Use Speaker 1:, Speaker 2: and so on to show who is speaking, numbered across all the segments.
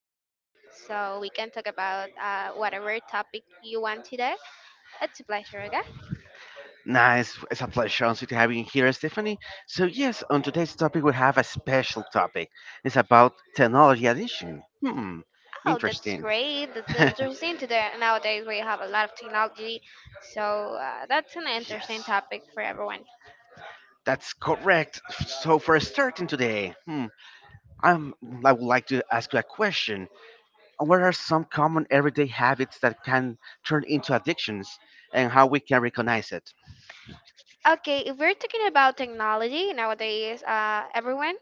Speaker 1: calling me so we can talk about whatever topic you want today. It's a pleasure, okay?
Speaker 2: Nice. It's a pleasure also to have you here, Stephanie. So yes, on today's topic, we have a special topic. It's about technology addiction. Hmm.
Speaker 1: Oh, that's
Speaker 2: Interesting.
Speaker 1: great. That's interesting. Today nowadays we have a lot of technology, so that's an
Speaker 2: Yes,
Speaker 1: interesting topic for everyone.
Speaker 2: that's correct. So for starting today, I'm, I would like to ask you a question. What are some common everyday habits that can turn into addictions, and how we can recognize it?
Speaker 1: Okay, if we're talking about technology nowadays, everyone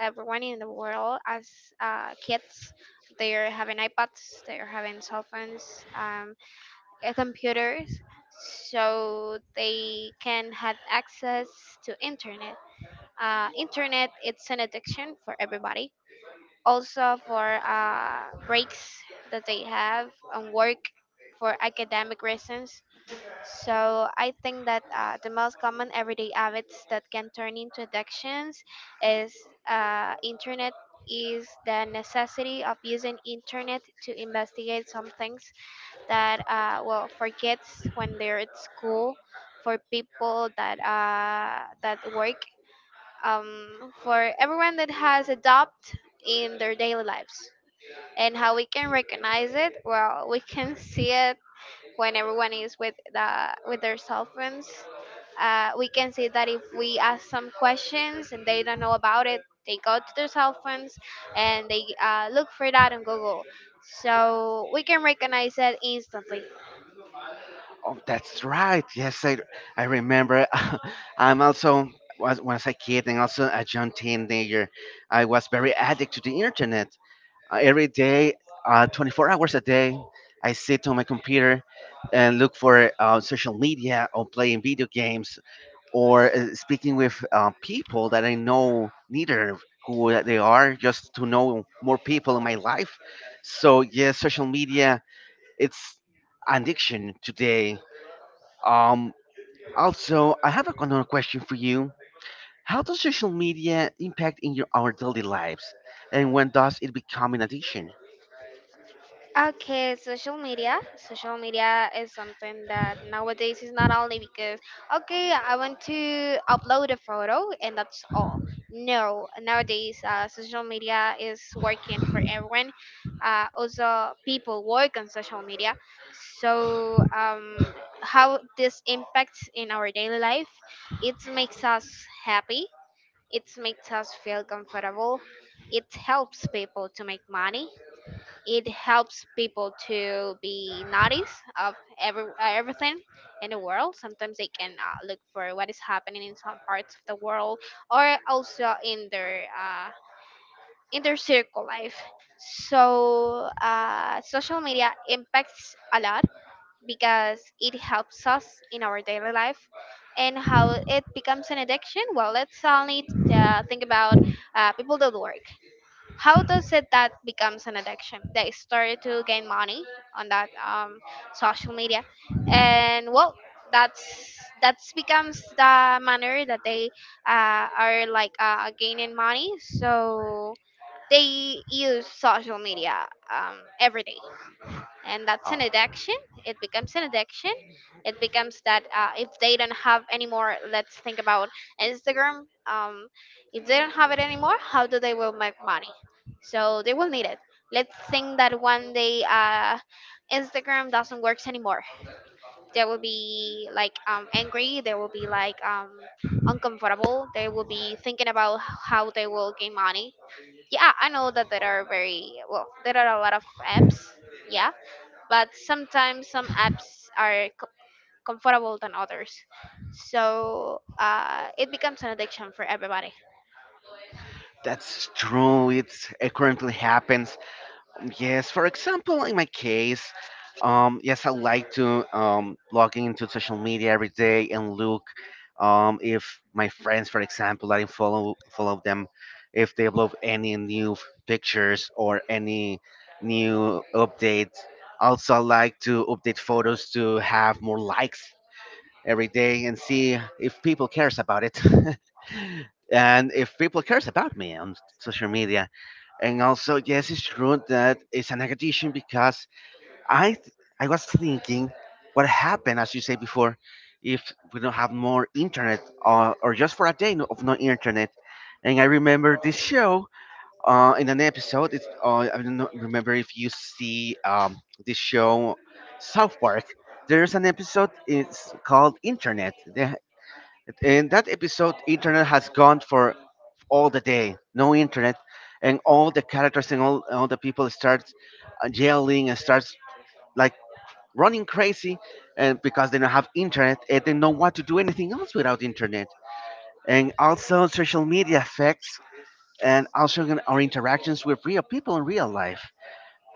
Speaker 1: everyone in the world as kids, they're having iPads, they're having cell phones, um, computers, so they can have access to internet. Internet, it's an addiction for everybody, also for breaks that they have on work, for academic reasons. So I think that the most common everyday habits that can turn into addictions is internet, is the necessity of using internet to investigate some things that, well, for kids when they're at school, for people that that work, for everyone that has a adopt in their daily lives. And how we can recognize it? Well, we can see it when everyone is with the with their cell phones. We can see that if we ask some questions and they don't know about it, they go to their cell phones and they look for that on Google, so we can recognize that instantly.
Speaker 2: Oh, that's right. Yes, I remember. I'm also, when I was a kid and also a young teenager, I was very addict to the internet. Every day, 24 hours a day, I sit on my computer and look for social media or playing video games, or speaking with people that I know neither who they are, just to know more people in my life. So yes, social media it's an addiction today. Um, Also, I have another question for you. How does social media impact in your our daily lives, and when does it become an addiction?
Speaker 1: Okay, social media. Social media is something that nowadays is not only because, okay, I want to upload a photo and that's all. No, nowadays social media is working for everyone. Also, people work on social media. So, how this impacts in our daily life? It makes us happy. It makes us feel comfortable. It helps people to make money, it helps people to be notice of every everything in the world. Sometimes they can look for what is happening in some parts of the world, or also in their circle life. So social media impacts a lot because it helps us in our daily life. And how it becomes an addiction. Well, let's only think about people that work. How does it that becomes an addiction? They start to gain money on that, social media, and well, that's becomes the manner that they are like gaining money, so they use social media every day, and that's
Speaker 2: Oh,
Speaker 1: an addiction. It becomes an addiction. It becomes that, if they don't have anymore, let's think about Instagram. If they don't have it anymore, how do they will make money? So they will need it. Let's think that one day Instagram doesn't works anymore. They will be like angry, they will be like uncomfortable, they will be thinking about how they will gain money. Yeah, I know that there are very well there are a lot of apps, yeah, but sometimes some apps are comfortable than others. So it becomes an addiction for everybody.
Speaker 2: that's true. It currently happens. Yes, for example, in my case, yes, I like to log into social media every day and look if my friends, for example, I follow them, if they upload any new pictures or any new updates. Also, I like to update photos to have more likes every day and see if people cares about it, and if people cares about me on social media. And also, yes, it's true that it's an addiction, because I was thinking what happened, as you say before, if we don't have more internet, or just for a day of no internet. And I remember this show, in an episode. It's I don't remember if you see this show, South Park. There's an episode. It's called Internet. In that episode, Internet has gone for all the day. No internet, and all the characters and all the people start yelling and starts like running crazy, and because they don't have internet and they don't want to do anything else without internet. And also, social media affects, and also in our interactions with real people in real life,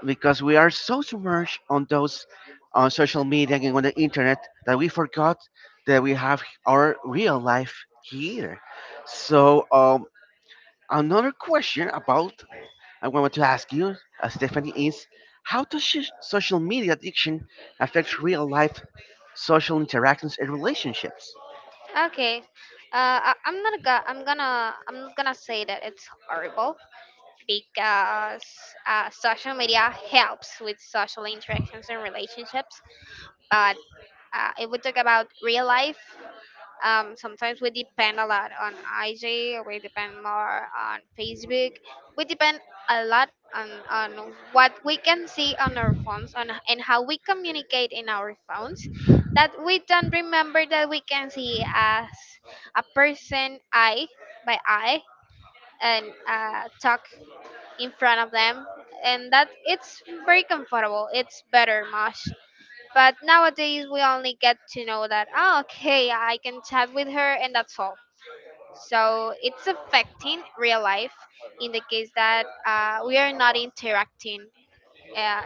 Speaker 2: because we are so submerged on those, on social media and on the internet, that we forgot that we have our real life here. So another question about, I wanted to ask you, Stephanie, is how does social media addiction affect real life social interactions and relationships?
Speaker 1: Okay, I, I'm not gonna I'm gonna I'm not gonna say that it's horrible because social media helps with social interactions and relationships. But if we talk about real life, sometimes we depend a lot on IG, we depend more on Facebook, we depend a lot on what we can see on our phones on, and how we communicate in our phones, that we don't remember that we can see as a person eye by eye and talk in front of them, and that it's very comfortable, it's better much. But nowadays, we only get to know that, oh, okay, I can chat with her and that's all. So it's affecting real life in the case that we are not interacting. Uh,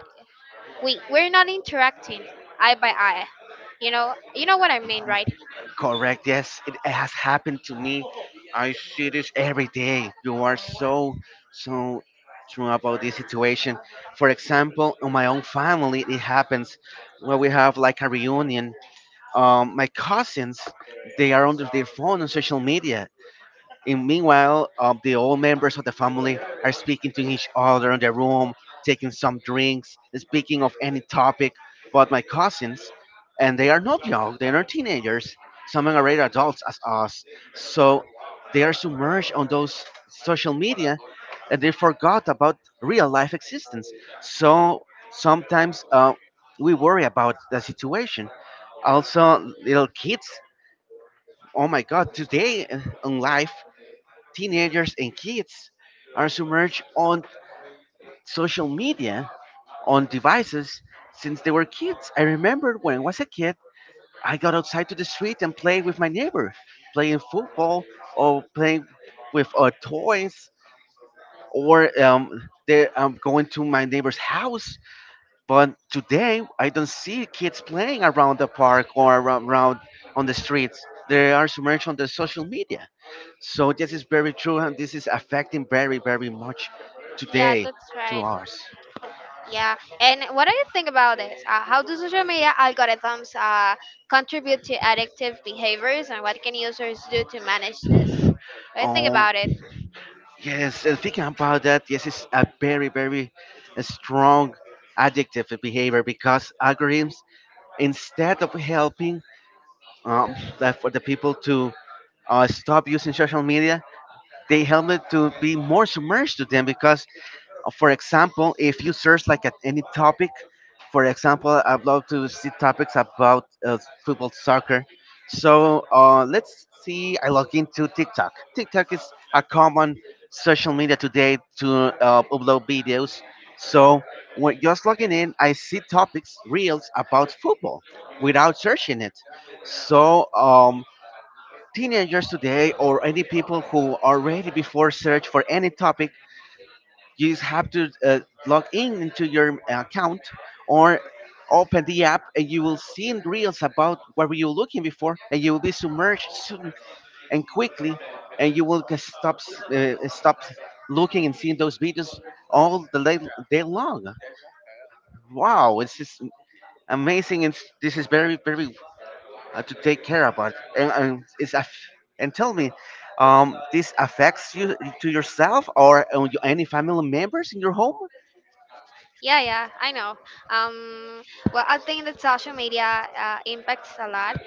Speaker 1: we're not interacting eye by eye. You know what I mean, right?
Speaker 2: Correct. Yes, it has happened to me. I see this every day. You are so, so true about this situation. For example, in my own family, it happens when we have like a reunion. My cousins, they are under their phone on social media, and meanwhile, the old members of the family are speaking to each other in the room, taking some drinks, speaking of any topic. But my cousins, and they are not young, they are not teenagers. Some are already adults as us. So they are submerged on those social media, and they forgot about real life existence. So sometimes we worry about the situation. Also, little kids, oh my God, today in life, teenagers and kids are submerged on social media, on devices since they were kids. I remember when I was a kid, I got outside to the street and played with my neighbors, playing football, or playing with toys, or going to my neighbor's house. But today, I don't see kids playing around the park, or around on the streets. They are submerged on the social media. So this is very true, and this is affecting very, very much
Speaker 1: Yeah,
Speaker 2: today
Speaker 1: that's
Speaker 2: to
Speaker 1: right.
Speaker 2: us.
Speaker 1: Yeah, and what do you think about this? How do social media algorithms contribute to addictive behaviors, and what can users do to manage this? What do you think
Speaker 2: Oh,
Speaker 1: about it?
Speaker 2: yes, and thinking about that, yes, it's a very, very strong addictive behavior, because algorithms, instead of helping that for the people to stop using social media, they help it to be more submerged to them, because for example, if you search like at any topic. For example, I'd love to see topics about football, soccer. So let's see. I log into TikTok. TikTok is a common social media today to upload videos. So when just logging in, I see topics, reels about football without searching it. So teenagers today, or any people who are ready before search for any topic, you just have to log in into your account, or open the app, and you will see in reels about what were you looking before, and you will be submerged soon and quickly, and you will just stop stop looking and seeing those videos all the day, day long. Wow, it's just amazing, and this is very very to take care about. And and tell me, this affects you to yourself, or any family members in your home?
Speaker 1: Yeah, I know. Um, well, I think that social media impacts a lot.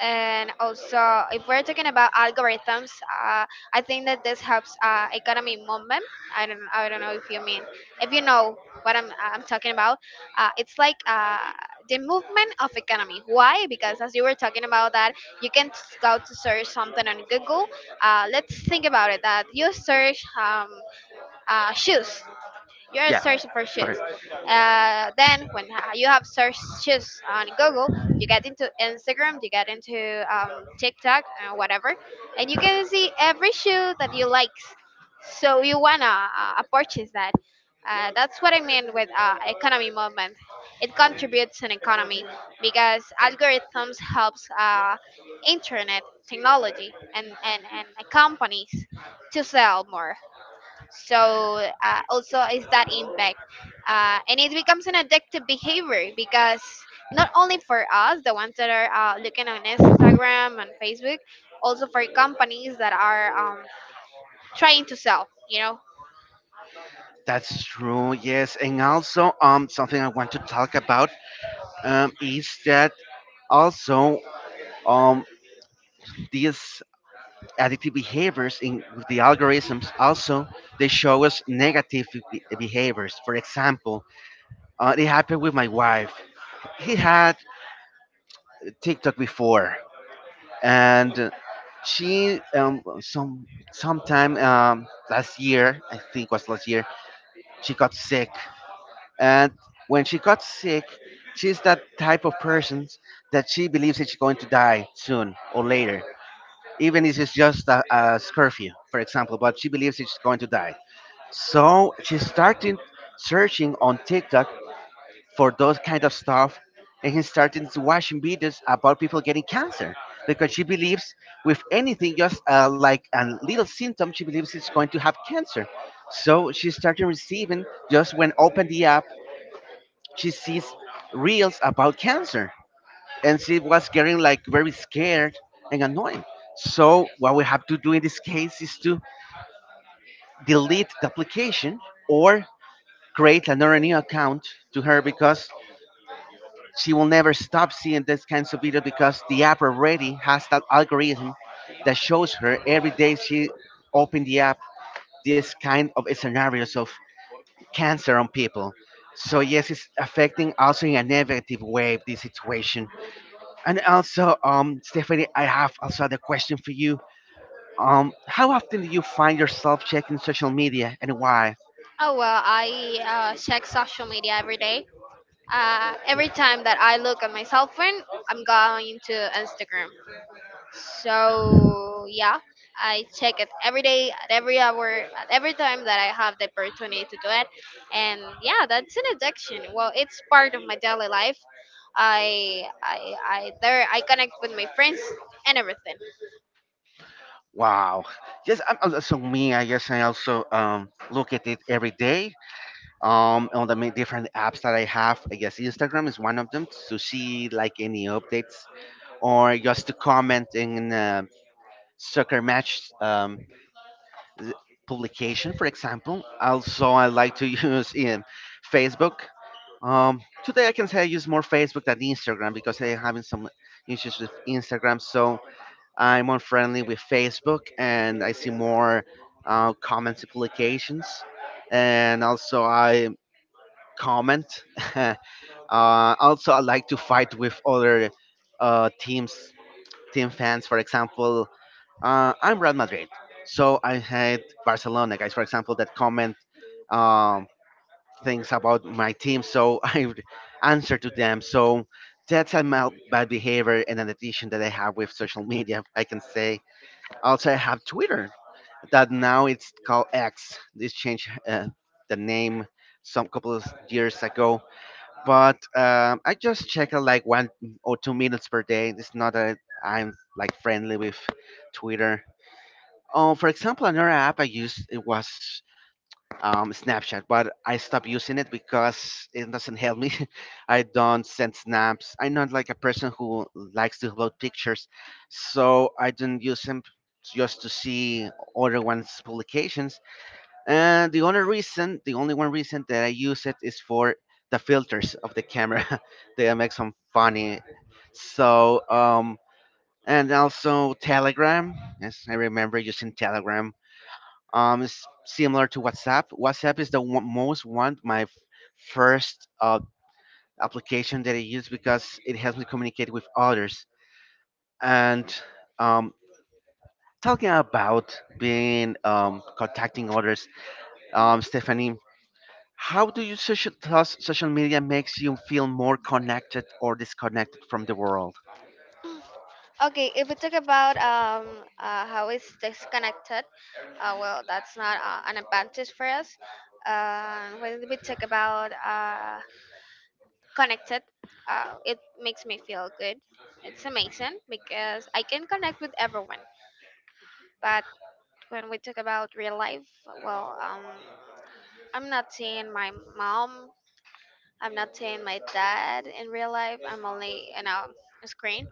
Speaker 1: And also, if we're talking about algorithms, I think that this helps economy movement. I don't know if you mean, if you know what I'm talking about. It's like the movement of economy. Why? Because as you were talking about that, you can go to search something on Google. Let's think about it. That you search shoes, you are
Speaker 2: Yeah,
Speaker 1: searching for shoes.
Speaker 2: correct.
Speaker 1: Then when you have searched shoes on Google, you get into Instagram, you get into TikTok, whatever, and you can see every shoe that you like. So you wanna purchase that. That's what I mean with economy movement. It contributes an economy because algorithms helps internet, technology, and companies to sell more. So also is that impact, and it becomes an addictive behavior because not only for us, the ones that are looking on Instagram and Facebook, also for companies that are trying to sell, you know.
Speaker 2: That's true. Yes, and also something I want to talk about, is that, also, um these addictive behaviors in with the algorithms also, they show us negative behaviors. For example, it happened with my wife. He had TikTok before, and she, sometime, last year, I think was last year, she got sick. And when she got sick, she's that type of person that she believes that she's going to die soon or later, even if it's just a curfew, for example, but she believes that she's going to die. So she started searching on TikTok for those kind of stuff, and he started watching videos about people getting cancer, because she believes with anything, just like a little symptom, she believes it's going to have cancer. So she started receiving, just when open the app, she sees reels about cancer, and she was getting like very scared and annoying. So what we have to do in this case is to delete the application, or create another new account to her, because she will never stop seeing these kinds of video, because the app already has that algorithm that shows her every day she opened the app this kind of scenarios of cancer on people. So yes, it's affecting also in a negative way this situation. And also, Stephanie, I have also the question for you. How often do you find yourself checking social media, and why?
Speaker 1: Oh, well, I check social media every day, every time that I look at my cell phone, I'm going to Instagram. So yeah, I check it every day, at every hour, at every time that I have the opportunity to do it. And yeah, that's an addiction. Well, it's part of my daily life. I there I connect with my friends and everything.
Speaker 2: Wow. Yes, I'm also so me. I guess I also look at it every day, on the many different apps that I have. I guess Instagram is one of them, to see like any updates, or just to comment in soccer match. Th- Publication, for example. Also, I like to use um, Facebook. Today, I can say I use more Facebook than Instagram, because I'm having some issues with Instagram. So I'm unfriendly with Facebook, and I see more comments and publications. And also, I comment. uh, Also, I like to fight with other uh, teams team fans. For example, I'm Real Madrid, so I hate Barcelona guys. For example, that comment um, things about my team, so I would answer to them. So that's a bad behavior, and an addition that I have with social media, I can say. Also, I have Twitter, that now it's called X. This changed the name some couple of years ago, but I just check it like 1 or 2 minutes per day. It's not that I'm like friendly with Twitter. Oh, for example, another app I used it was Snapchat, but I stopped using it because it doesn't help me. I don't send snaps. I'm not like a person who likes to upload pictures, so I don't use them, just to see other ones' publications. And the only reason, the only one reason that I use it, is for the filters of the camera. They make some funny. So, and also Telegram. Yes, I remember using Telegram. It's similar to WhatsApp. WhatsApp is the one, most one, my first application that I use, because it helps me communicate with others. And um, talking about being, contacting others,
Speaker 1: Mhm.
Speaker 2: Stephanie, how do you social media makes you feel more connected or disconnected from the world?
Speaker 1: Okay, if we talk about how it's disconnected, well, that's not an advantage for us. When we talk about connected, it makes me feel good. It's amazing because I can connect with everyone. But when we talk about real life, well, I'm not seeing my mom, I'm not seeing my dad in real life, I'm only in a screen.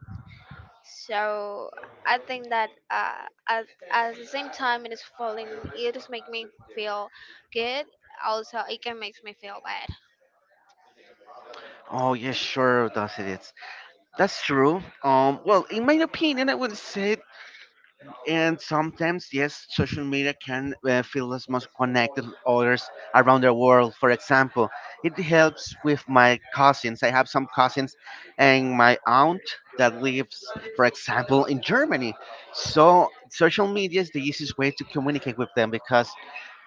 Speaker 1: So I think that at, at the same time it is falling, it just make me feel good, also it can makes me feel bad.
Speaker 2: Oh yes, sure does it is. That's true. Well, in my opinion, I would say, and sometimes, yes, social media can feel us most connected with others around the world. For example, it helps with my cousins. I have some cousins, and my aunt that lives, for example, in Germany. So social media is the easiest way to communicate with them because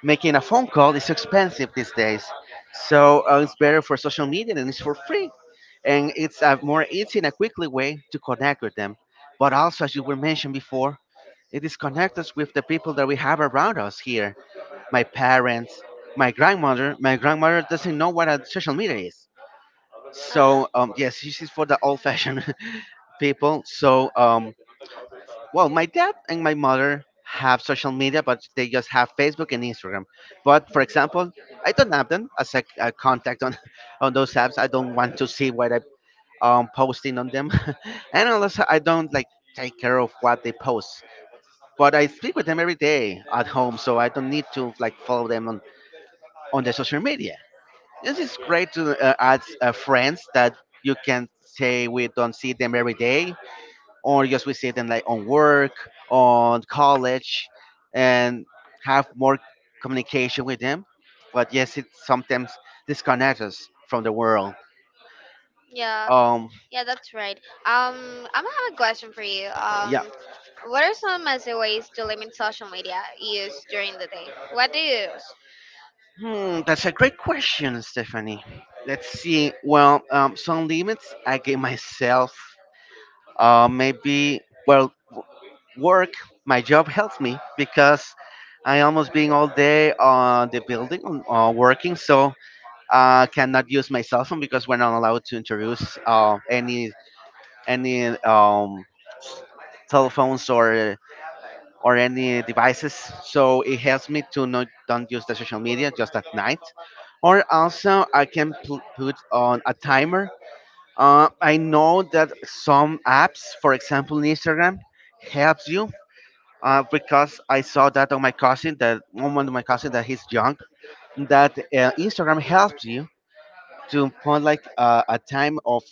Speaker 2: making a phone call is expensive these days. So it's better for social media and it's for free. And it's a more easy and a quickly way to connect with them. But also, as you were mentioned before, it disconnects us with the people that we have around us here. My parents, my grandmother. My grandmother doesn't know what a social media is.
Speaker 1: uh,
Speaker 2: So yes, this is for the old-fashioned people. So well, my dad and my mother have social media, but they just have Facebook and Instagram. But for example, I don't have them as a contact on on those apps. I don't want to see what I'm posting on them, and also I don't like take care of what they post. But I speak with them every day at home, so I don't need to like follow them on the social media. This is great to add friends that you can say we don't see them every day, or just we see them like on work, on college, and have more communication with them. But yes, it sometimes disconnects us from the world.
Speaker 1: yeah.
Speaker 2: Um,
Speaker 1: Yeah, that's right. Um, I'm gonna have a question for you.
Speaker 2: yeah,
Speaker 1: What are some as ways to limit social media use during the day? What do you use?
Speaker 2: hmm, That's a great question, Stephanie. Let's see. Well, some limits I give myself. Maybe well, work. My job helps me because I almost being all day on the building, on working. So cannot use my cell phone because we're not allowed to introduce any any um, telephones or any devices. So it helps me to not don't use the social media just at night. Or also I can put on a timer. I know that some apps, for example Instagram, helps you. Because I saw that on my cousin, that one of my cousin that he's young, that Instagram helps you to put like a time of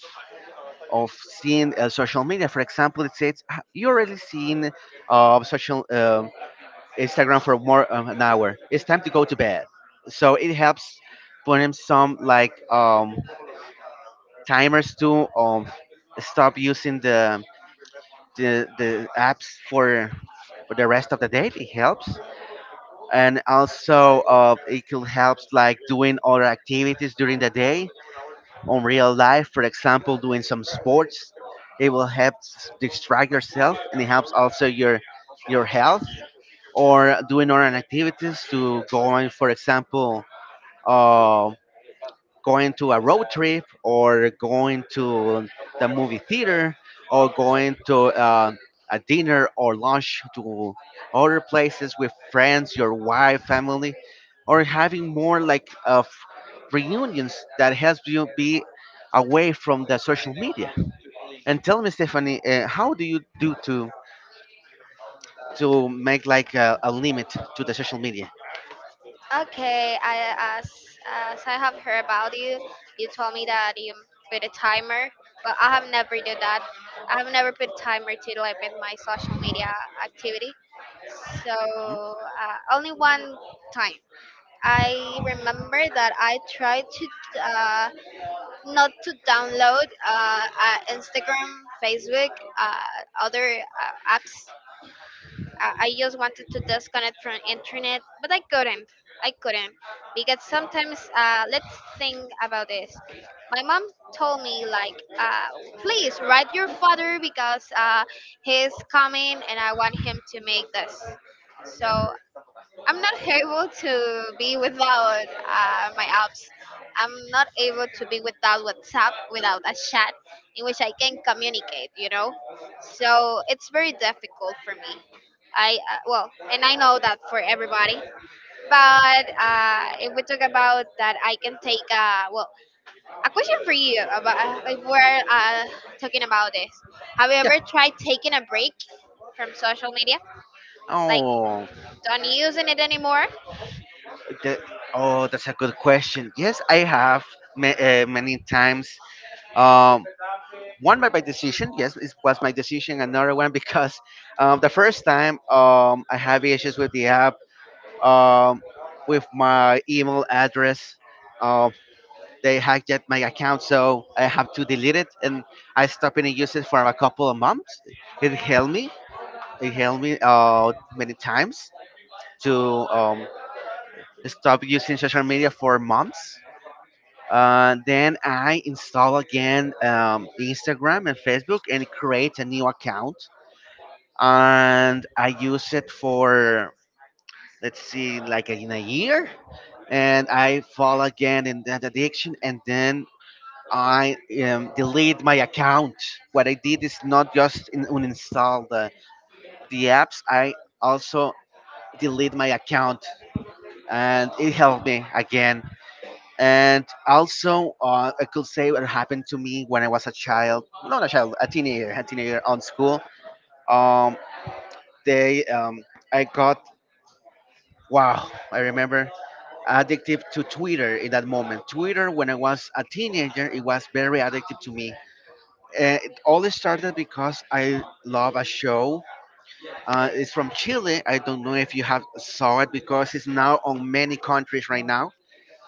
Speaker 2: seeing social media. For example, it says "Ah, you already seen social Instagram for more an hour. It's time to go to bed." So it helps put in some like timers to stop using the apps for the rest of the day. It helps, and also it could help like doing other activities during the day on real life, for example, doing some sports, it will help distract yourself and it helps also your health or doing other activities to going, for example, uh, going to a road trip or going to the movie theater or going to a dinner or lunch to other places with friends, your wife, family, or having more like of reunions that helps you be away from the social media. And tell me, Stephanie, how do you do to make like a limit to the social media?
Speaker 1: Okay, I as I have heard about you, you told me that you put a timer, but I have never did that. I have never put a timer to limit my social media activity. So
Speaker 2: Hmm?
Speaker 1: only one time. I remember that I tried to uh, not to download Instagram, Facebook, other apps. I just wanted to disconnect from internet, but I couldn't. I couldn't because sometimes let's think about this. My mom told me like, please write your father because he's coming and I want him to make this. So I'm not able to be without my apps. I'm not able to be without WhatsApp, without a chat in which I can communicate, you know? So it's very difficult for me. Well, and I know that for everybody. But if we talk about that, I can take, well, a question for you about if we're talking about this. Have you
Speaker 2: Yeah.
Speaker 1: ever tried taking a break from social media? Like,
Speaker 2: Oh,
Speaker 1: don't using it anymore?
Speaker 2: That, oh, that's a good question. Yes, I have many times. Um, one by my decision. Yes, it was my decision. Another one because the first time I have issues with the app, um, with my email address. Um, they hacked at my account, so I have to delete it, and I stopped and use it for a couple of months. It helped me. It helped me many times to um, stop using social media for months. Then I install again Instagram and Facebook and create a new account. And I use it for, let's see, like in a year. And I fall again in that addiction. And then I delete my account. What I did is not just in, uninstall the apps, I also delete my account. And it helped me again. And also, I could say what happened to me when I was a child, not a child, a teenager, on school. Um, they, um, I got, wow, I remember addictive to Twitter in that moment. Twitter, when I was a teenager, it was very addictive to me. It all started because I love a show. It's from Chile. I don't know if you have saw it because it's now on many countries right now.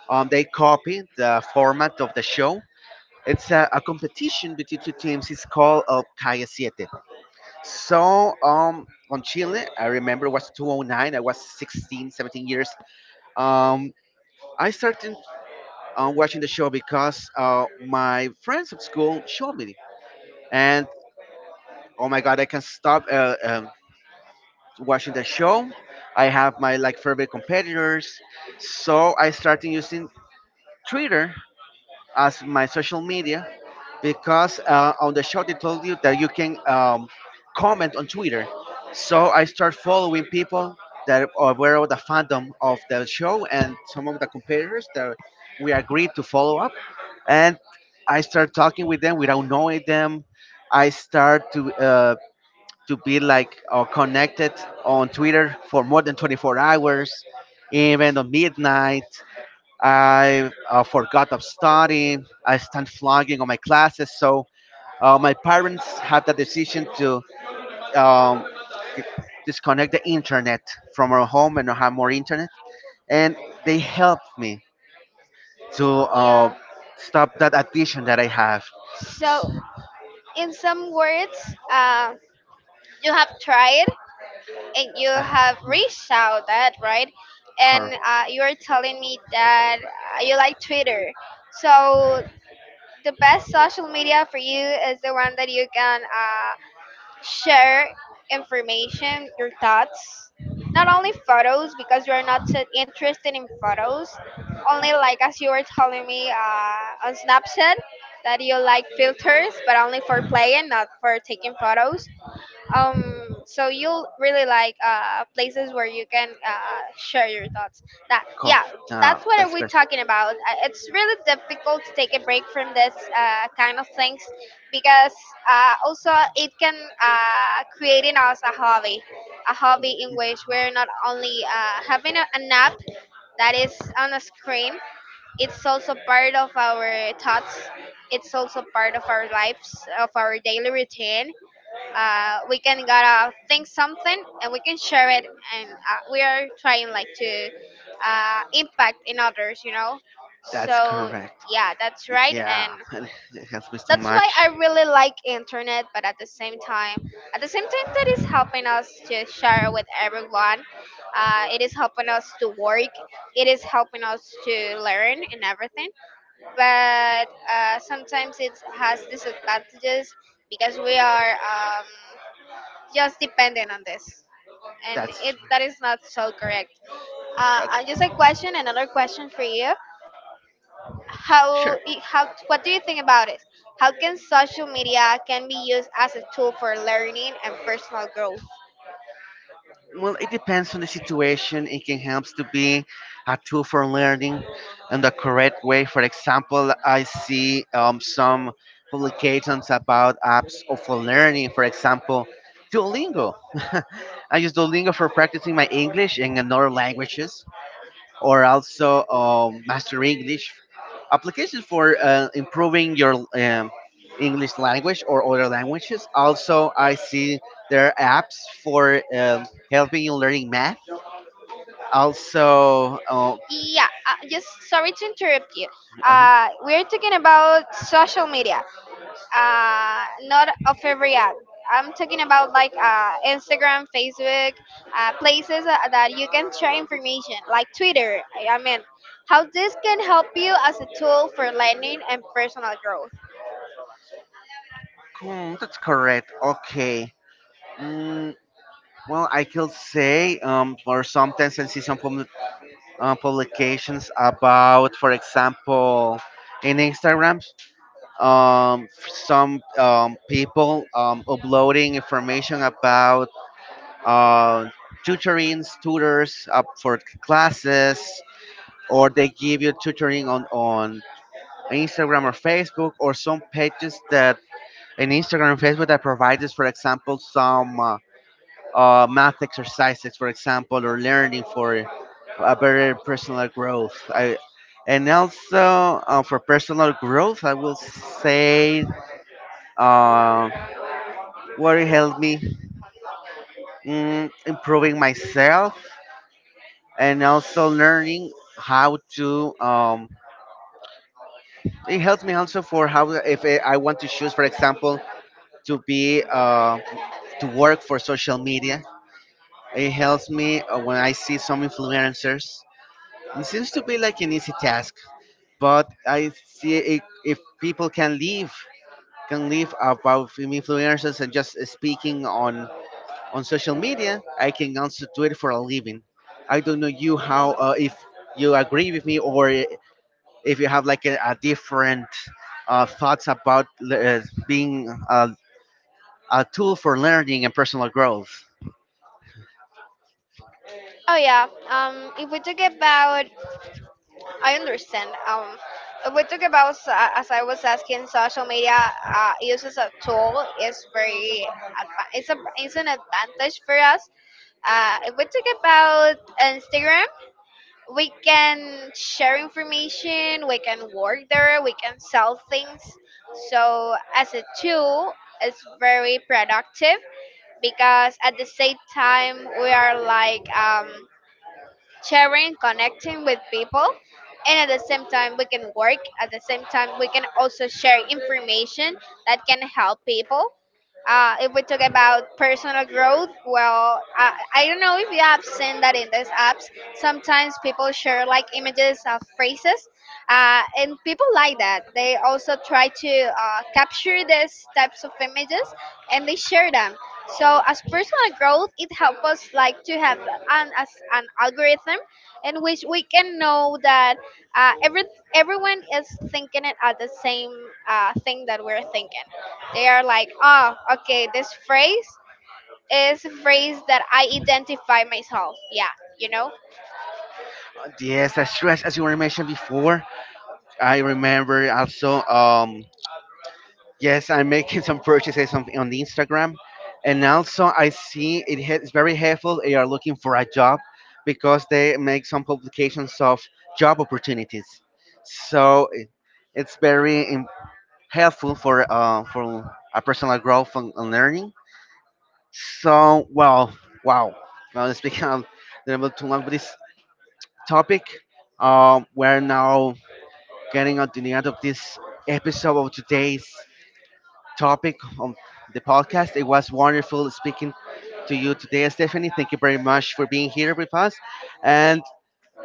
Speaker 2: They copy the format of the show. It's a competition between two teams. It's called Calle Siete. So on Chile, I remember it was 2009. I was 16, 17 years. Um, I started watching the show because my friends at school showed me, and oh my god, I can stop watching the show. I have my like favorite competitors, so I started using Twitter as my social media because on the shot it told you that you can comment on Twitter. So I start following people that are aware of the fandom of the show and some of the competitors that we agreed to follow up. And I start talking with them without knowing them. I start to be like connected on Twitter for more than 24 hours, even on midnight. I forgot of studying. I stand flogging on my classes. So my parents have the decision to um, disconnect the internet from our home and have more internet. And they helped me to
Speaker 1: Yeah.
Speaker 2: stop that addiction that I have.
Speaker 1: So, in some words, you have tried and you have reached out that, right? And
Speaker 2: Cor-
Speaker 1: you are telling me that you like Twitter. So, the best social media for you is the one that you can share information, your thoughts, not only photos because you are not so interested in photos. Only like as you were telling me on Snapchat that you like filters, but only for playing, not for taking photos. So you'll really like places where you can share your thoughts. That,
Speaker 2: cor-
Speaker 1: yeah,
Speaker 2: no,
Speaker 1: that's what
Speaker 2: that's
Speaker 1: we are
Speaker 2: correct.
Speaker 1: talking about. It's really difficult to take a break from this kind of things because also it can create in us a hobby in which we're not only having an app that is on a screen. It's also part of our thoughts. It's also part of our lives, of our daily routine. We can gotta think something and we can share it, and we are trying like to impact in others, you know.
Speaker 2: That's
Speaker 1: So
Speaker 2: correct.
Speaker 1: yeah, that's right.
Speaker 2: Yeah,
Speaker 1: And
Speaker 2: it helps me so
Speaker 1: that's why I
Speaker 2: much.
Speaker 1: really like internet, but at the same time, at the same time that is helping us to share with everyone, it is helping us to work, it is helping us to learn and everything, but sometimes it has disadvantages because we are just depending on this, and
Speaker 2: That's
Speaker 1: it that is not so correct.
Speaker 2: that's
Speaker 1: Just a question, another question for you.
Speaker 2: sure.
Speaker 1: How, what do you think about it? How can social media can be used as a tool for learning and personal growth?
Speaker 2: Well, it depends on the situation. It can help to be a tool for learning in the correct way. For example, I see some publications about apps of for learning. For example, Duolingo. I use Duolingo for practicing my English and in other languages or also master English applications for improving your English language or other languages. Also, I see there are apps for helping you learning math. Also, oh,
Speaker 1: Yeah, just sorry to interrupt you.
Speaker 2: uh
Speaker 1: Uh, we're talking about social media, not a favorite app. I'm talking about like Instagram, Facebook, places that that you can share information, like Twitter. I mean, how this can help you as a tool for learning and personal growth.
Speaker 2: cool, that's correct. Okay. Mm, well, I could say, or sometimes I see some publications about, for example, in Instagram. Some people uploading information about uh, tutorings, tutors up for classes, or they give you tutoring on Instagram or Facebook, or some pages that in Instagram and Facebook that provides, for example, some math exercises, for example, or learning for a better personal growth. And also for personal growth, I will say um, What it helped me, improving myself and also learning how to. It helps me also for how if I want to choose, for example, to be to work for social media. It helps me when I see some influencers. It seems to be like an easy task, but I see it, if people can live about influencers and just speaking on social media. I can also do it for a living. I don't know you how if you agree with me or if you have like a different thoughts about being a tool for learning and personal growth.
Speaker 1: Oh, yeah. If we talk about, I understand. If we talk about as I was asking, social media use as a tool is very, it's an advantage for us. If we talk about Instagram, we can share information, we can work there, we can sell things. So, as a tool, it's very productive because at the same time, we are like sharing, connecting with people, and at the same time we can work. At the same time we can also share information that can help people. If we talk about personal growth, well, I don't know if you have seen that in these apps. Sometimes people share like images of phrases, and people like that. They also try to capture these types of images and they share them. So as personal growth, it helps us like to have an algorithm in which we can know that uh, every everyone is thinking it at the same thing that we're thinking. They are like, oh, okay, this phrase is a phrase that I identify myself. Yeah, you know.
Speaker 2: Yes, that's true. As you were mentioned before, I remember also. Yes, I'm making some purchases on the Instagram, and also I see it it's very helpful. They are looking for a job because they make some publications of job opportunities. So it's very im- helpful for a personal growth and learning. So well, wow. Now let's become a little bit too long with this topic. We're now getting on to the end of this episode of today's topic of the podcast. It was wonderful speaking to you today, Stephanie. Thank you very much for being here with us, and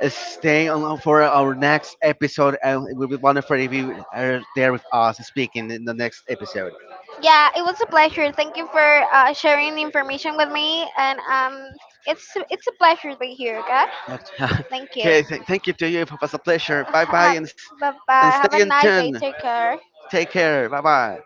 Speaker 2: stay on for our next episode. And it will be wonderful if you are there with us speaking in the next episode.
Speaker 1: Yeah, it was a pleasure. Thank you for sharing the information with me, and it's a pleasure to be here. Okay, thank
Speaker 2: Okay,
Speaker 1: you.
Speaker 2: thank you to you. It was a pleasure. Bye bye,
Speaker 1: Have,
Speaker 2: and s-
Speaker 1: bye
Speaker 2: and
Speaker 1: bye.
Speaker 2: stay
Speaker 1: Have a
Speaker 2: in
Speaker 1: nice day.
Speaker 2: tune.
Speaker 1: Take care.
Speaker 2: Take care. Bye bye.